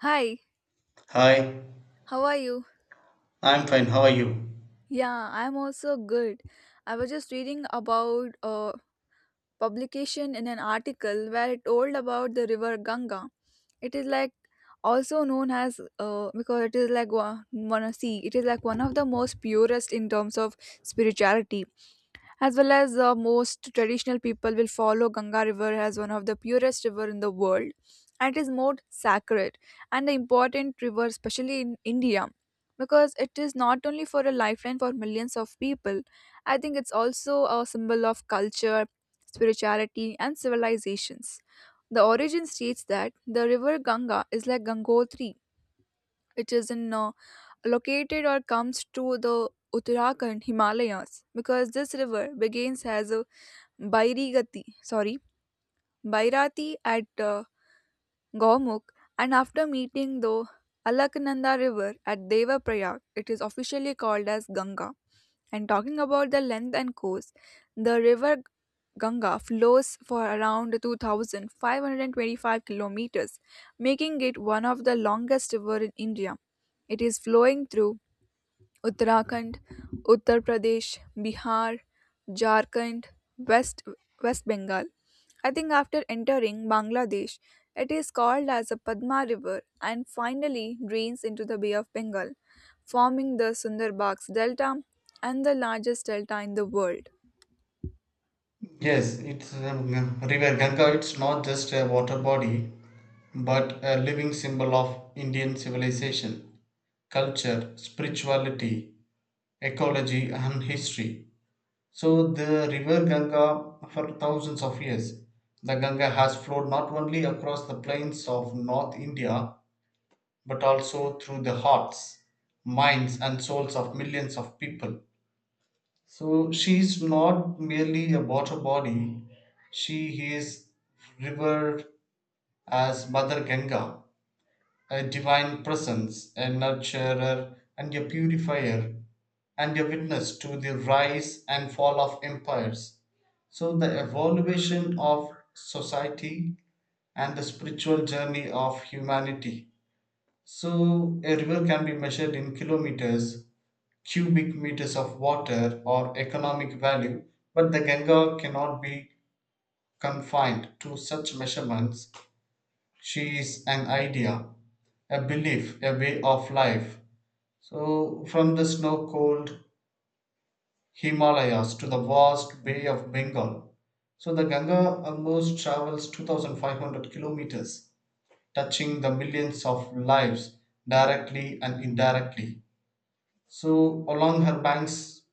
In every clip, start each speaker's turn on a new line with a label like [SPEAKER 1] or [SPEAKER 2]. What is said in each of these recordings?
[SPEAKER 1] Hi,
[SPEAKER 2] Hi,
[SPEAKER 1] how are you?
[SPEAKER 2] I'm fine. How are you?
[SPEAKER 1] Yeah, I'm also good. I was just reading about publication in an article where it told about the river Ganga. It is like also known as because it is like see it is like one of the most purest in terms of spirituality as well as most traditional people will follow Ganga River as one of the purest river in the world, and it is more sacred and an important river especially in India, because it is not only for a lifeline for millions of people. I think it's also a symbol of culture, spirituality, and civilizations. The origin states that the river Ganga is like Gangotri, which is in located or comes to the Uttarakhand Himalayas, because this river begins as a Bairigati, sorry, Bairati at Gaumuk, and after meeting the Alaknanda river at Devaprayag, it is officially called as Ganga. And talking about the length and course, the river Ganga flows for around 2,525 kilometers, making it one of the longest river in India. It is flowing through Uttarakhand, Uttar Pradesh, Bihar, Jharkhand, west West Bengal. I think after entering Bangladesh it is called as the Padma river, and finally drains into the Bay of Bengal, forming the Sundarbans Delta and the largest delta in the world.
[SPEAKER 2] Yes, it's River Ganga. It's not just a water body, but a living symbol of Indian civilization, culture, spirituality, ecology, and history. So, the River Ganga, for thousands of years, the Ganga has flowed not only across the plains of North India, but also through the hearts, minds, and souls of millions of people. So she's not merely a water body, she is revered as Mother Ganga, a divine presence, a nurturer, and a purifier, and a witness to the rise and fall of empires. So, the evolution of society and the spiritual journey of humanity. So, a river can be measured in kilometers, cubic meters of water or economic value, but the Ganga cannot be confined to such measurements. She is an idea, a belief, a way of life. So, from the snow cold Himalayas to the vast Bay of Bengal, so the Ganga almost travels 2,500 kilometers, touching the millions of lives directly and indirectly. So, along her banks,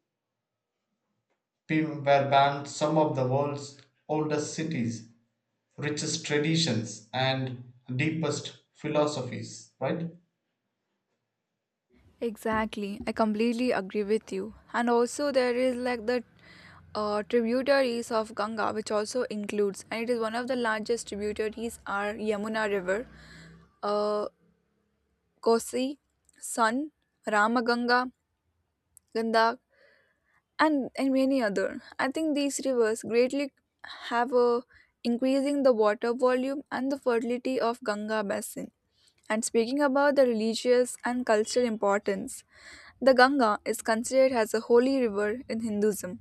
[SPEAKER 2] Film were banned some of the world's oldest cities, richest traditions, and deepest philosophies. Right?
[SPEAKER 1] Exactly, I completely agree with you. And also, there is like the tributaries of Ganga, which also includes, and it is one of the largest tributaries are Yamuna River, uh, Kosi, Sun, Ramaganga, Gandak, and many other. I think these rivers greatly have a increasing the water volume and the fertility of Ganga basin. And speaking about the religious and cultural importance, the Ganga is considered as a holy river in Hinduism.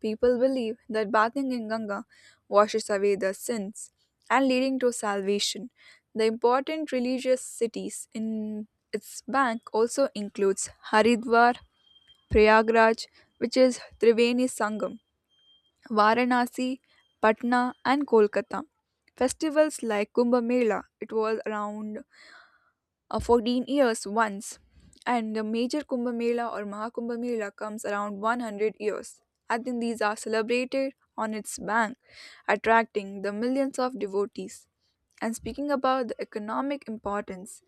[SPEAKER 1] People believe that bathing in Ganga washes away their sins and leading to salvation. The important religious cities in its bank also includes Haridwar, Prayagraj, which is Triveni Sangam, Varanasi, Patna and Kolkata. Festivals like Kumbh Mela, it was around 14 years once, and the major Kumbh Mela or Mahakumbh Mela comes around 100 years. And then these are celebrated on its bank, attracting the millions of devotees. And speaking about the economic importance,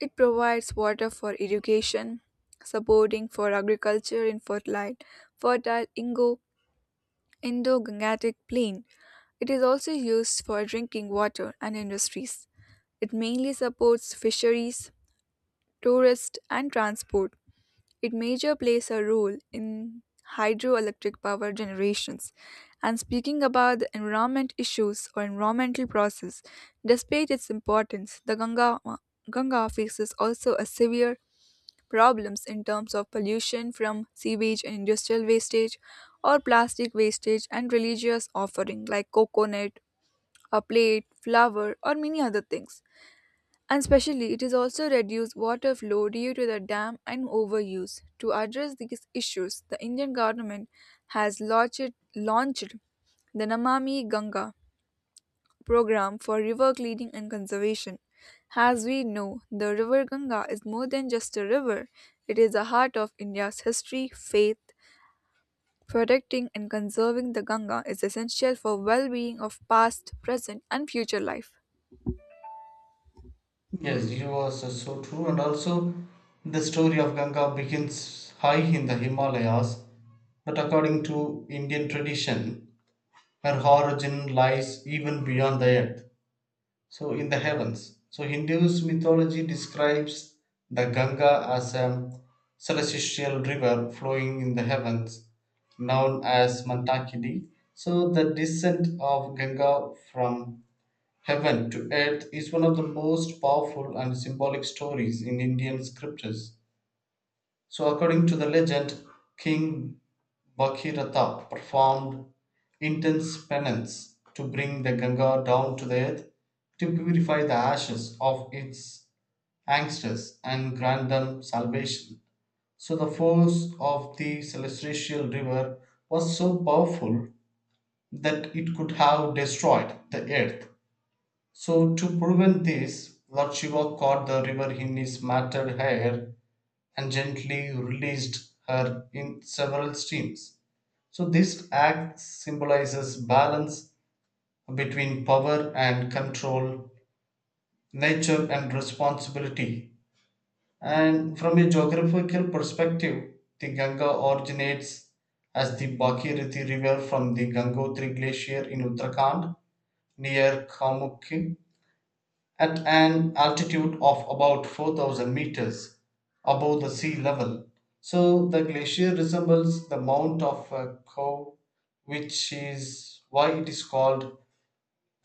[SPEAKER 1] it provides water for irrigation, supporting for agriculture in fertile Indo-Gangetic plain. It is also used for drinking water and industries. It mainly supports fisheries, tourists and transport. It major plays a role in hydroelectric power generations. And speaking about the environment issues or environmental process, despite its importance, the Ganga faces also a severe problems in terms of pollution from sewage and industrial wastage or plastic wastage and religious offering like coconut, a plate, flower or many other things. And especially, it is also reduced water flow due to the dam and overuse. To address these issues, the Indian government has launched the Namami Ganga program for river cleaning and conservation. As we know, the river Ganga is more than just a river, it is the heart of India's history, faith. Protecting and conserving the Ganga is essential for well being of past, present, and future life.
[SPEAKER 2] Yes, you are so, so true. And also, the story of Ganga begins high in the Himalayas, but according to Indian tradition, her origin lies even beyond the earth. So in the heavens. So Hindu mythology describes the Ganga as a celestial river flowing in the heavens, known as Mantakini. So the descent of Ganga from heaven to earth is one of the most powerful and symbolic stories in Indian scriptures. So, according to the legend, King Bhagiratha performed intense penance to bring the Ganga down to the earth, to purify the ashes of its angsters and grant them salvation. So, the force of the celestial river was so powerful that it could have destroyed the earth. So, to prevent this, Lord Shiva caught the river in his matted hair and gently released her in several streams. So this act symbolizes balance between power and control, nature and responsibility. And from a geographical perspective, the Ganga originates as the Bhagirathi River from the Gangotri Glacier in Uttarakhand near Kamukhi, at an altitude of about 4,000 meters above the sea level, so the glacier resembles the Mount of a cow, which is why it is called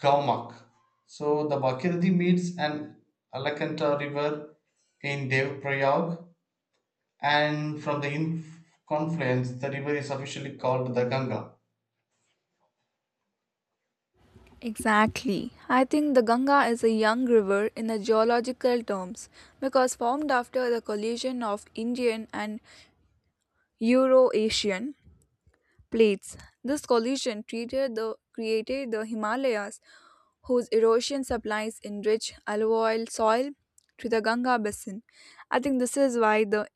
[SPEAKER 2] Gaumak. So the Bhagirathi meets an Alakanta river in Devprayag, and from the confluence, the river is officially called the Ganga.
[SPEAKER 1] Exactly. I think the Ganga is a young river in the geological terms because formed after the collision of Indian and Euro-Asian plates. This collision created the Himalayas, whose erosion supplies enriched alluvial soil to the Ganga basin. I think this is why the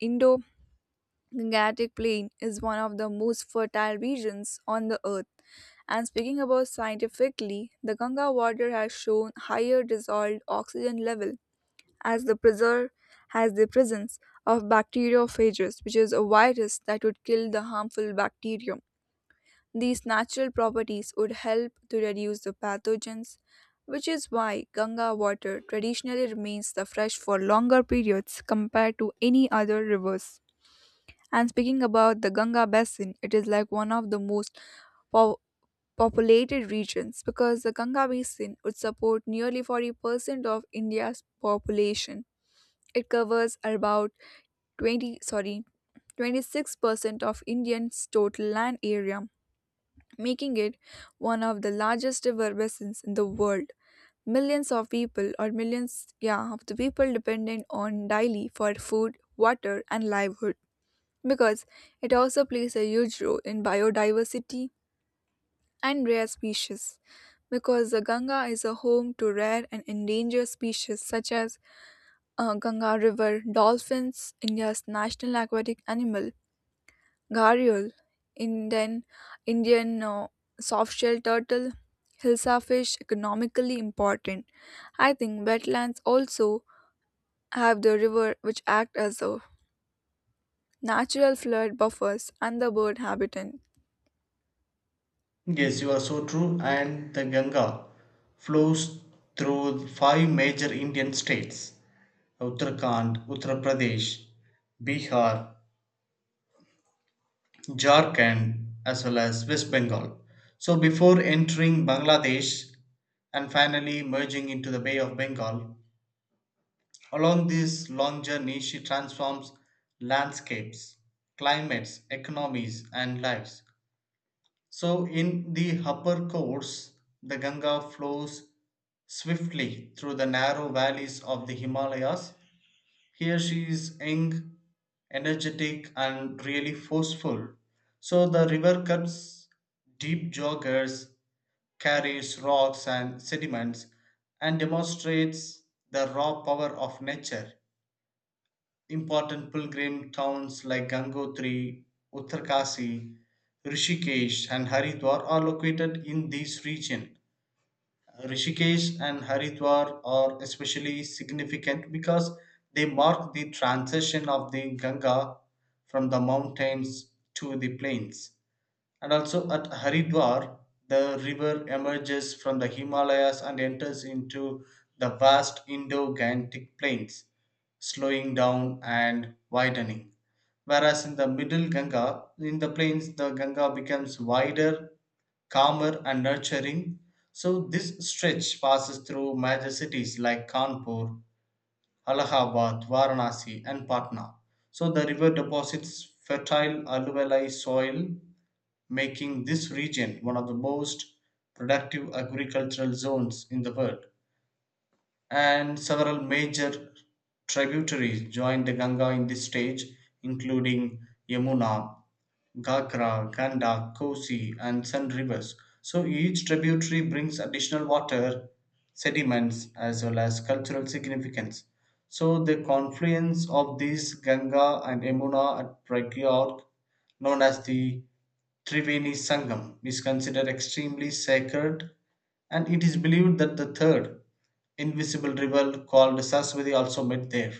[SPEAKER 1] Indo-Gangetic plain is one of the most fertile regions on the earth. And speaking about scientifically, the Ganga water has shown higher dissolved oxygen level as the preserve has the presence of bacteriophages, which is a virus that would kill the harmful bacterium. These natural properties would help to reduce the pathogens, which is why Ganga water traditionally remains the fresh for longer periods compared to any other rivers. And speaking about the Ganga basin, it is like one of the most pow- populated regions, because the Ganga basin would support nearly 40% of India's population. It covers about 20 sorry 26% of India's total land area, making it one of the largest river basins in the world. Millions of people or millions, yeah, of the people dependent on daily for food, water and livelihood, because it also plays a huge role in biodiversity and rare species, because the Ganga is a home to rare and endangered species such as Ganga river dolphins, India's national aquatic animal, gharial, Indian Indian softshell turtle, hilsa fish, economically important. I think wetlands also have the river which act as a natural flood buffers and the bird habitat.
[SPEAKER 2] Yes, you are so true. And the Ganga flows through five major Indian states: Uttarakhand, Uttar Pradesh, Bihar, Jharkhand, as well as West Bengal. So before entering Bangladesh and finally merging into the Bay of Bengal, along this long journey, she transforms landscapes, climates, economies, and lives. So in the upper course, the Ganga flows swiftly through the narrow valleys of the Himalayas. Here she is young, energetic, and really forceful. So the river cuts deep joggers, carries rocks and sediments, and demonstrates the raw power of nature. Important pilgrim towns like Gangotri, Uttarkasi, Rishikesh, and Haridwar are located in this region. Rishikesh and Haridwar are especially significant because they mark the transition of the Ganga from the mountains to the plains. And also at Haridwar, the river emerges from the Himalayas and enters into the vast Indo Gangetic plains, slowing down and widening. Whereas in the middle Ganga, in the plains, the Ganga becomes wider, calmer and nurturing. So this stretch passes through major cities like Kanpur, Allahabad, Varanasi, and Patna. So the river deposits fertile alluvial soil, making this region one of the most productive agricultural zones in the world. And several major tributaries join the Ganga in this stage, including Yamuna, Ghagra, Ganda, Kosi, and Sun rivers. So each tributary brings additional water, sediments, as well as cultural significance. So the confluence of these Ganga and Yamuna at Pragyag, known as the Triveni Sangam, is considered extremely sacred, and it is believed that the third invisible river called Saraswati also met there.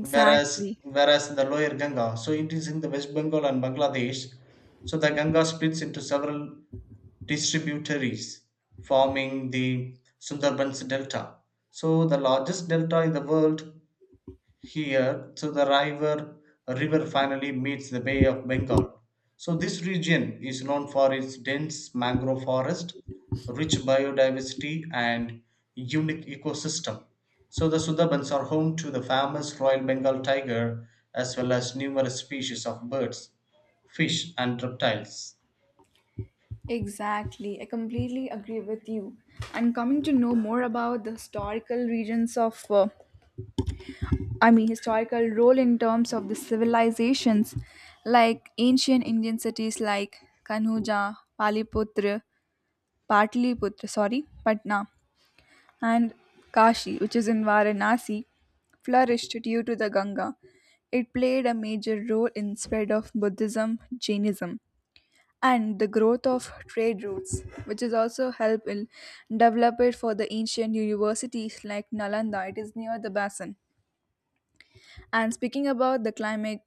[SPEAKER 2] whereas whereas in the lower Ganga, so it is in the West Bengal and Bangladesh. So the Ganga splits into several distributaries, forming the Sundarbans Delta. So the largest delta in the world, here so the river finally meets the Bay of Bengal. So this region is known for its dense mangrove forest, rich biodiversity and unique ecosystem. So the Sundarbans are home to the famous Royal Bengal Tiger, as well as numerous species of birds, fish and reptiles.
[SPEAKER 1] Exactly, I completely agree with you. And coming to know more about the historical regions of, I mean, historical role in terms of the civilizations, like ancient Indian cities like Kanhuja, Pataliputra, sorry, Patna, and Kashi, which is in Varanasi, flourished due to the Ganga. It played a major role in spread of Buddhism, Jainism, and the growth of trade routes, which is also helped in develop it for the ancient universities like Nalanda. It is near the basin. And speaking about the climate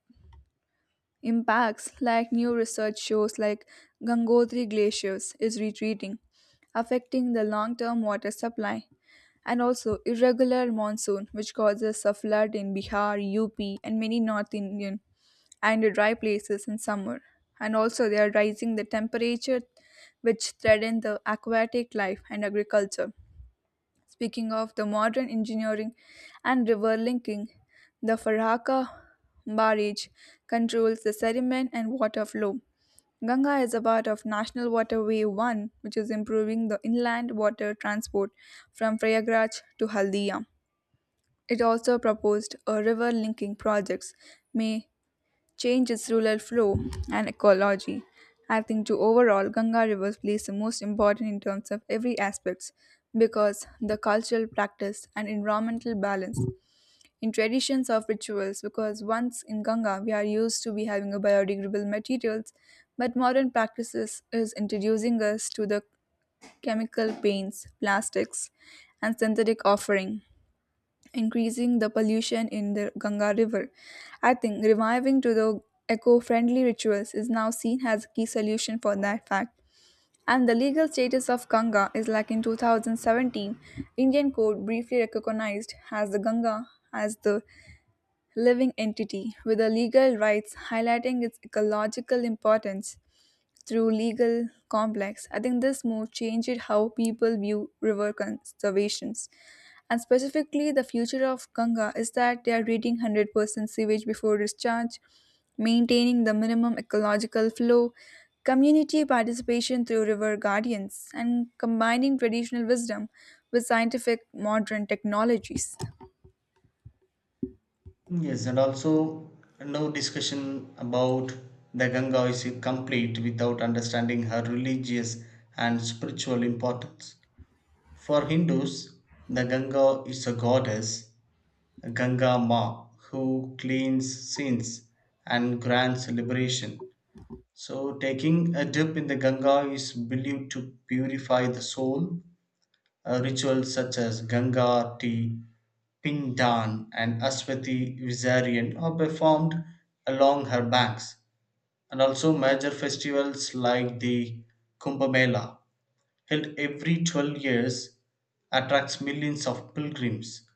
[SPEAKER 1] impacts, like new research shows, like Gangotri glaciers is retreating, affecting the long-term water supply. And also irregular monsoon, which causes a flood in Bihar, UP, and many North Indian and dry places in summer. And also, they are rising the temperature, which threaten the aquatic life and agriculture. Speaking of the modern engineering and river linking, the Farhaka barrage controls the sediment and water flow. Ganga is a part of National Waterway 1, which is improving the inland water transport from Prayagraj to Haldia. It also proposed a river linking projects may change its rural flow and ecology. I think to overall Ganga River plays the most important in terms of every aspects, because the cultural practice and environmental balance in traditions of rituals, because once in Ganga we are used to be having a biodegradable materials, but modern practices is introducing us to the chemical paints, plastics and synthetic offering, increasing the pollution in the Ganga River. I think reviving to the eco friendly rituals is now seen as a key solution for that fact. And the legal status of Ganga is like in 2017, Indian court briefly recognized as the Ganga as the living entity with the legal rights highlighting its ecological importance through legal complex. I think this move changed how people view river conservations. And specifically, the future of Ganga is that they are treating 100% sewage before discharge, maintaining the minimum ecological flow, community participation through river guardians, and combining traditional wisdom with scientific modern technologies.
[SPEAKER 2] Yes, and also no discussion about the Ganga is complete without understanding her religious and spiritual importance. For Hindus, the Ganga is a goddess, Ganga Ma, who cleans sins and grants liberation. So, taking a dip in the Ganga is believed to purify the soul. Rituals such as Ganga tea, Pindan, and Aswati Visarian are performed along her banks, and also major festivals like the Kumbh Mela, held every 12 years, attracts millions of pilgrims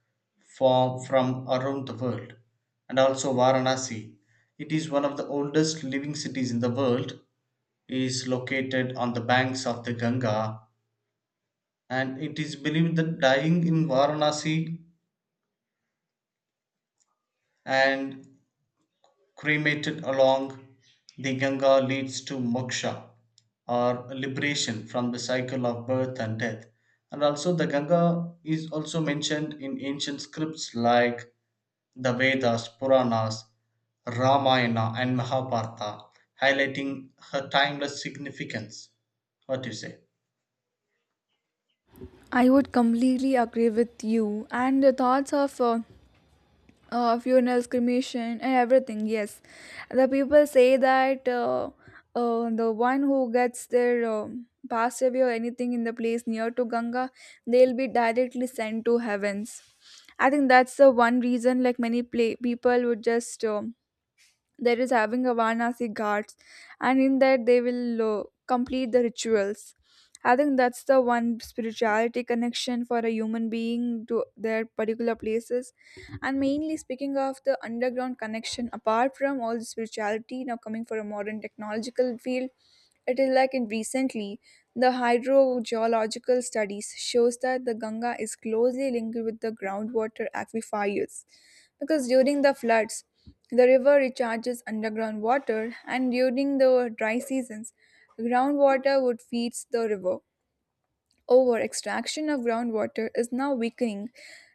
[SPEAKER 2] from around the world, and also Varanasi. It is one of the oldest living cities in the world, is located on the banks of the Ganga, and it is believed that dying in Varanasi and cremated along the Ganga leads to moksha or liberation from the cycle of birth and death. And also, the Ganga is also mentioned in ancient scripts like the Vedas, Puranas, Ramayana, and Mahabharata, highlighting her timeless significance. What do you say?
[SPEAKER 1] I would completely agree with you. And the thoughts of funerals, cremation, and everything. Yes, the people say that the one who gets their passed away or anything in the place near to Ganga, they'll be directly sent to heavens. I think that's the one reason, like people would just there is having a Varanasi Ghats, and in that they will complete the rituals. I think that's the one spirituality connection for a human being to their particular places. And mainly speaking of the underground connection, apart from all the spirituality, now coming for a modern technological field, it is like in recently the hydrogeological studies shows that the Ganga is closely linked with the groundwater aquifers, because during the floods the river recharges underground water, and during the dry seasons, groundwater would feeds the river. Over extraction of groundwater is now weakening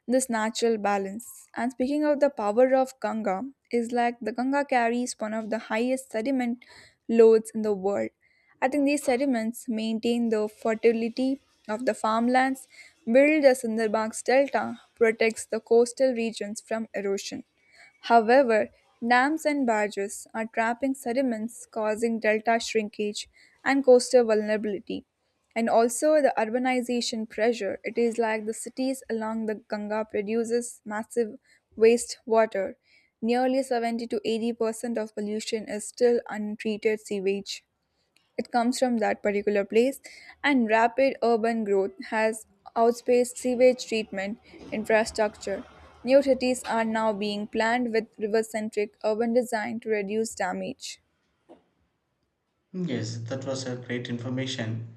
[SPEAKER 1] this natural balance. And speaking of the power of Ganga, is like the Ganga carries one of the highest sediment loads in the world. I think these sediments maintain the fertility of the farmlands, build the Sundarbans Delta, protects the coastal regions from erosion. However, dams and barges are trapping sediments, causing delta shrinkage and coastal vulnerability. And also the urbanization pressure. It is like the cities along the Ganga produces massive wastewater. Nearly 70 to 80% of pollution is still untreated sewage. It comes from that particular place, and rapid urban growth has outpaced sewage treatment infrastructure. New cities are now being planned with river centric urban design to reduce damage.
[SPEAKER 2] Yes, that was a great information.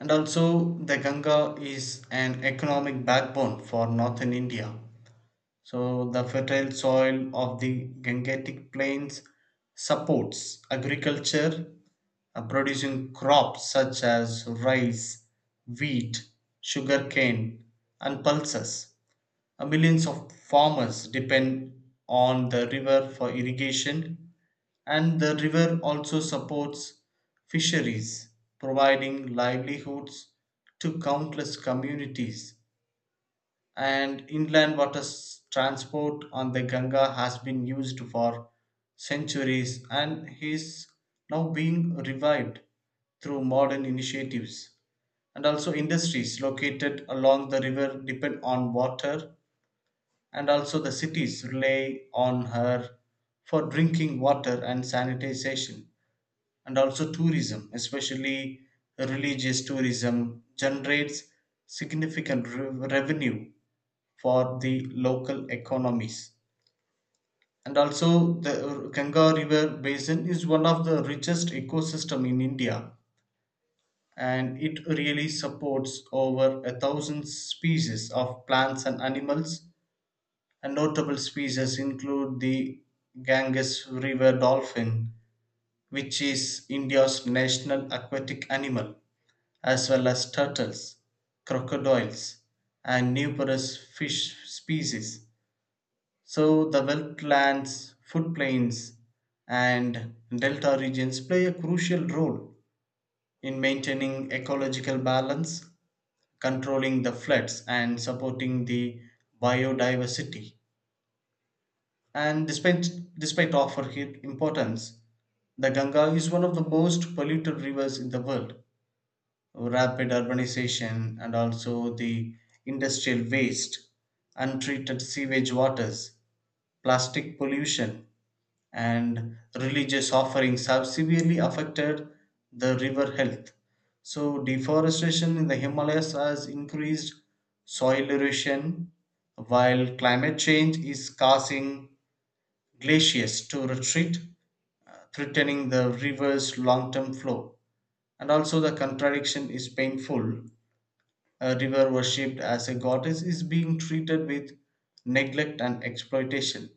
[SPEAKER 2] And also, the Ganga is an economic backbone for northern India. So, the fertile soil of the Gangetic Plains supports agriculture, producing crops such as rice, wheat, sugarcane, and pulses. Millions of farmers depend on the river for irrigation, and the river also supports fisheries, providing livelihoods to countless communities. And inland water transport on the Ganga has been used for centuries and is now being revived through modern initiatives. And also, industries located along the river depend on water, and also the cities rely on her for drinking water and sanitization, and also tourism, especially religious tourism, generates significant revenue for the local economies. And also the Ganga river basin is one of the richest ecosystem in India, and it really supports over a thousand species of plants and animals. And notable species include the Ganges river dolphin, which is India's national aquatic animal, as well as turtles, crocodiles, and numerous fish species. So, the wetlands, floodplains, and delta regions play a crucial role in maintaining ecological balance, controlling the floods, and supporting the biodiversity. And despite of her importance, the Ganga is one of the most polluted rivers in the world. Rapid urbanization and also the industrial waste, untreated sewage waters, plastic pollution, and religious offerings have severely affected the river health. So, deforestation in the Himalayas has increased soil erosion, while climate change is causing glaciers to retreat, threatening the river's long term flow. And also, the contradiction is painful. A river worshipped as a goddess is being treated with neglect and exploitation.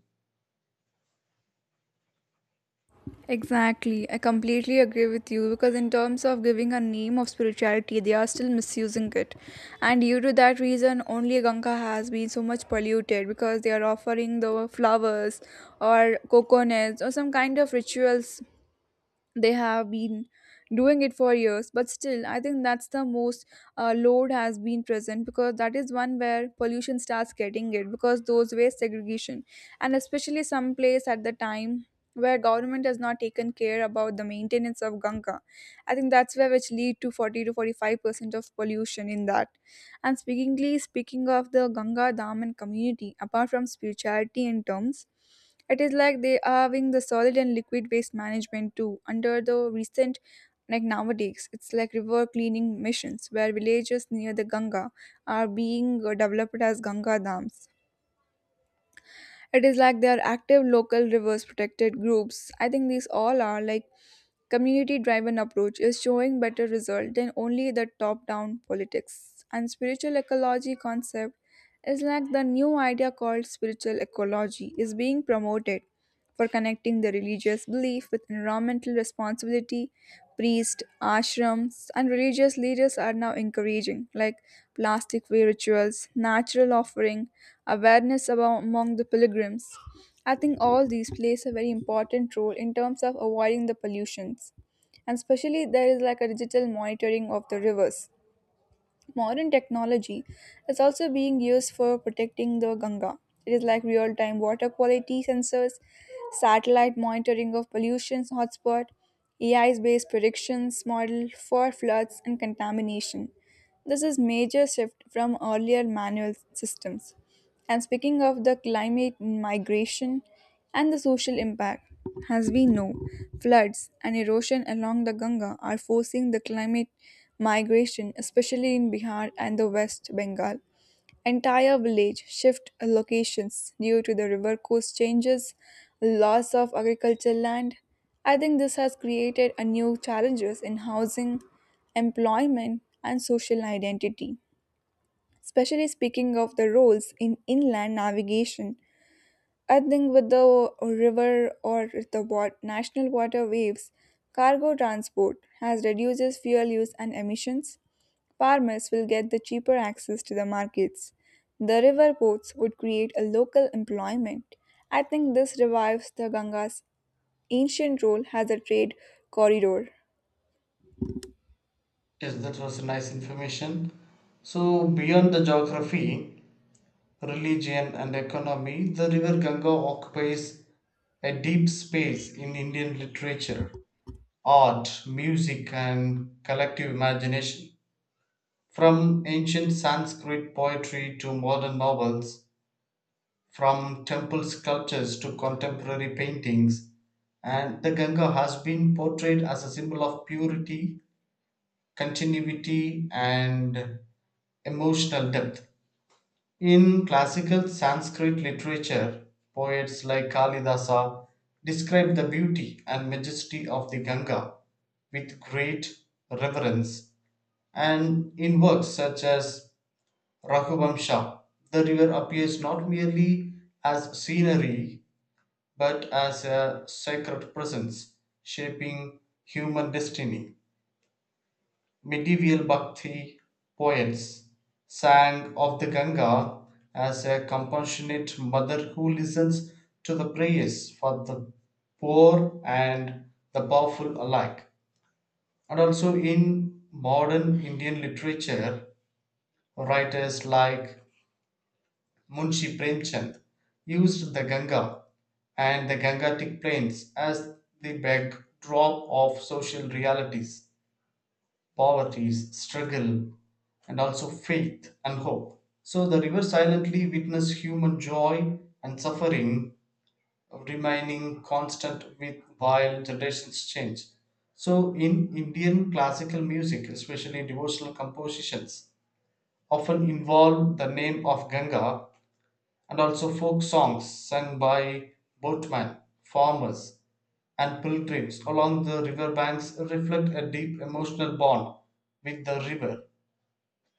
[SPEAKER 1] Exactly. I completely agree with you because, in terms of giving a name of spirituality, they are still misusing it. And due to that reason, only Ganga has been so much polluted because they are offering the flowers or coconuts or some kind of rituals they have been doing it for years. But still, I think that's the most load has been present because that is one where pollution starts getting it, because those waste segregation and especially some place at the time where government has not taken care about the maintenance of Ganga. I think that's where which lead to 40 to 45% of pollution in that. And speaking of the Ganga dam and community, apart from spirituality and terms, it is like they are having the solid and liquid waste management too. Under the recent, like nowadays, it's like river cleaning missions where villages near the Ganga are being developed as Ganga dams. It is like there are active local rivers protected groups. I think these all are like community driven approach is showing better result than only the top down politics. And spiritual ecology concept is like the new idea called spiritual ecology is being promoted for connecting the religious belief with environmental responsibility. Priests, ashrams, and religious leaders are now encouraging, like, plastic free rituals, natural offering, awareness about, among the pilgrims. I think all these plays a very important role in terms of avoiding the pollutions. And especially there is like a digital monitoring of the rivers. Modern technology is also being used for protecting the Ganga. It is like real time water quality sensors, satellite monitoring of pollution hotspot, AI based predictions model for floods and contamination. This is major shift from earlier manual systems. And speaking of the climate migration and the social impact, as we know, floods and erosion along the Ganga are forcing the climate migration, especially in Bihar and the West Bengal. Entire village shift locations due to the river course changes, loss of agricultural land. I think this has created a new challenges in housing, employment, and social identity. Especially speaking of the roles in inland navigation, I think with the river or the national waterways, cargo transport has reduces fuel use and emissions. Farmers will get the cheaper access to the markets. The river ports would create a local employment. I think this revives the Ganga's ancient role as a trade corridor.
[SPEAKER 2] Yes, that was nice information. So, beyond the geography, religion, and economy, the River Ganga occupies a deep space in Indian literature, art, music, and collective imagination. From ancient Sanskrit poetry to modern novels, from temple sculptures to contemporary paintings, and the Ganga has been portrayed as a symbol of purity, continuity, and emotional depth. In classical Sanskrit literature, poets like Kalidasa describe the beauty and majesty of the Ganga with great reverence, and in works such as Raghuvamsha, the river appears not merely as scenery but as a sacred presence shaping human destiny. Medieval Bhakti poets sang of the Ganga as a compassionate mother who listens to the prayers for the poor and the powerful alike. And also in modern Indian literature, writers like Munshi Premchand used the Ganga and the Gangatic plains as the backdrop of social realities: poverty, struggle, and also faith and hope. So the river silently witnessed human joy and suffering, remaining constant with while generations change. So in Indian classical music, especially devotional compositions, often involve the name of Ganga, and also folk songs sung by boatmen, farmers, and pilgrims along the river banks reflect a deep emotional bond with the river.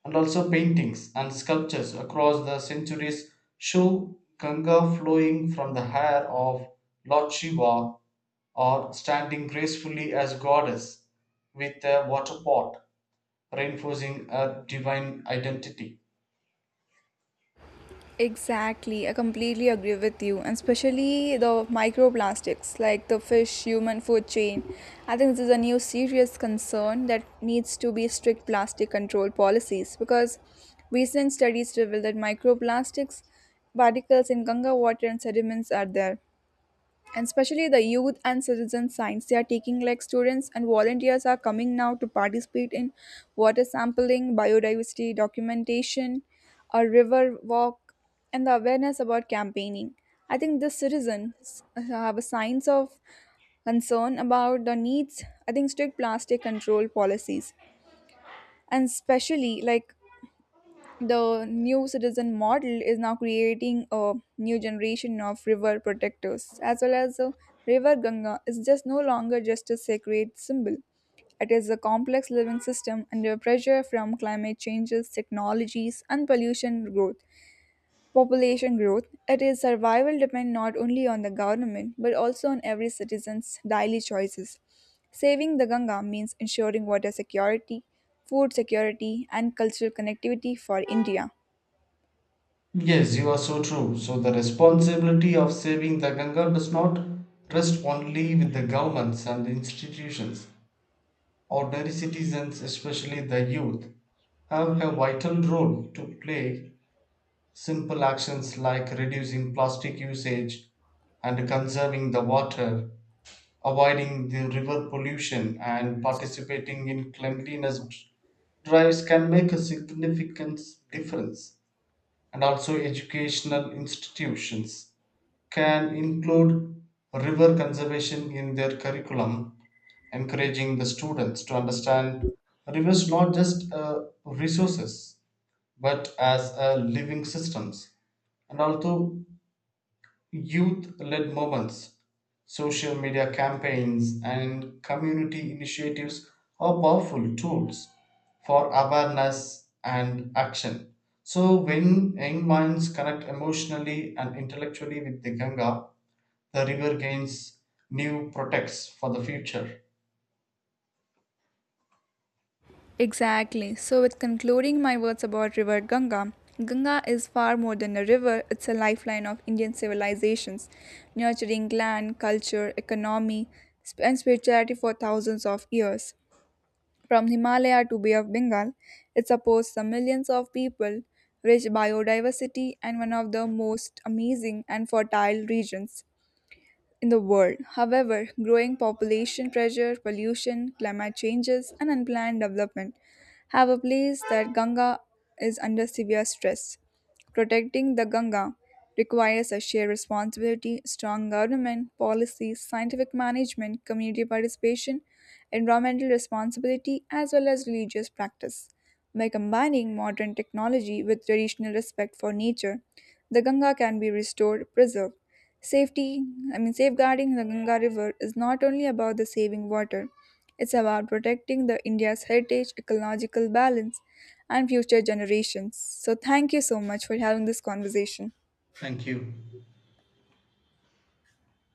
[SPEAKER 2] And also, paintings and sculptures across the centuries show Ganga flowing from the hair of Lord Shiva or standing gracefully as goddess with a water pot, reinforcing a divine identity.
[SPEAKER 1] Exactly, I completely agree with you, and especially the microplastics like the fish human food chain. I think this is a new serious concern that needs to be strict plastic control policies, because recent studies reveal that microplastics particles in Ganga water and sediments are there. And especially the youth and citizen science, they are taking, like students and volunteers are coming now to participate in water sampling, biodiversity documentation, a river walk, and the awareness about campaigning. I think the citizens have a signs of concern about the needs. I think strict plastic control policies, and especially like the new citizen model is now creating a new generation of river protectors, as well as the river Ganga is just no longer just a sacred symbol. It is a complex living system under pressure from climate changes, technologies, and pollution growth. Population growth, it is survival depend not only on the government but also on every citizen's daily choices. Saving the Ganga means ensuring water security, food security, and cultural connectivity for India.
[SPEAKER 2] Yes, you are so true. So, the responsibility of saving the Ganga does not rest only with the governments and institutions. Ordinary citizens, especially the youth, have a vital role to play. Simple actions like reducing plastic usage and conserving the water, avoiding the river pollution, and participating in cleanliness drives can make a significant difference. And also educational institutions can include river conservation in their curriculum, encouraging the students to understand rivers not just resources but as a living systems. And also youth led movements, social media campaigns, and community initiatives are powerful tools for awareness and action. So, when young minds connect emotionally and intellectually with the Ganga, the river gains new protects for the future.
[SPEAKER 1] Exactly. So, with concluding my words about River Ganga, Ganga is far more than a river, it's a lifeline of Indian civilizations, nurturing land, culture, economy, and spirituality for thousands of years. From Himalaya to Bay of Bengal, it supports the millions of people, rich biodiversity, and one of the most amazing and fertile regions in the world. However, growing population pressure, pollution, climate changes, and unplanned development have a place that Ganga is under severe stress. Protecting the Ganga requires a shared responsibility, strong government, policies, scientific management, community participation, environmental responsibility, as well as religious practice. By combining modern technology with traditional respect for nature, the Ganga can be restored, preserved, Safety, safeguarding the Ganga River is not only about the saving water, it's about protecting the India's heritage, ecological balance, and future generations. So, thank you so much for having this conversation.
[SPEAKER 2] Thank you.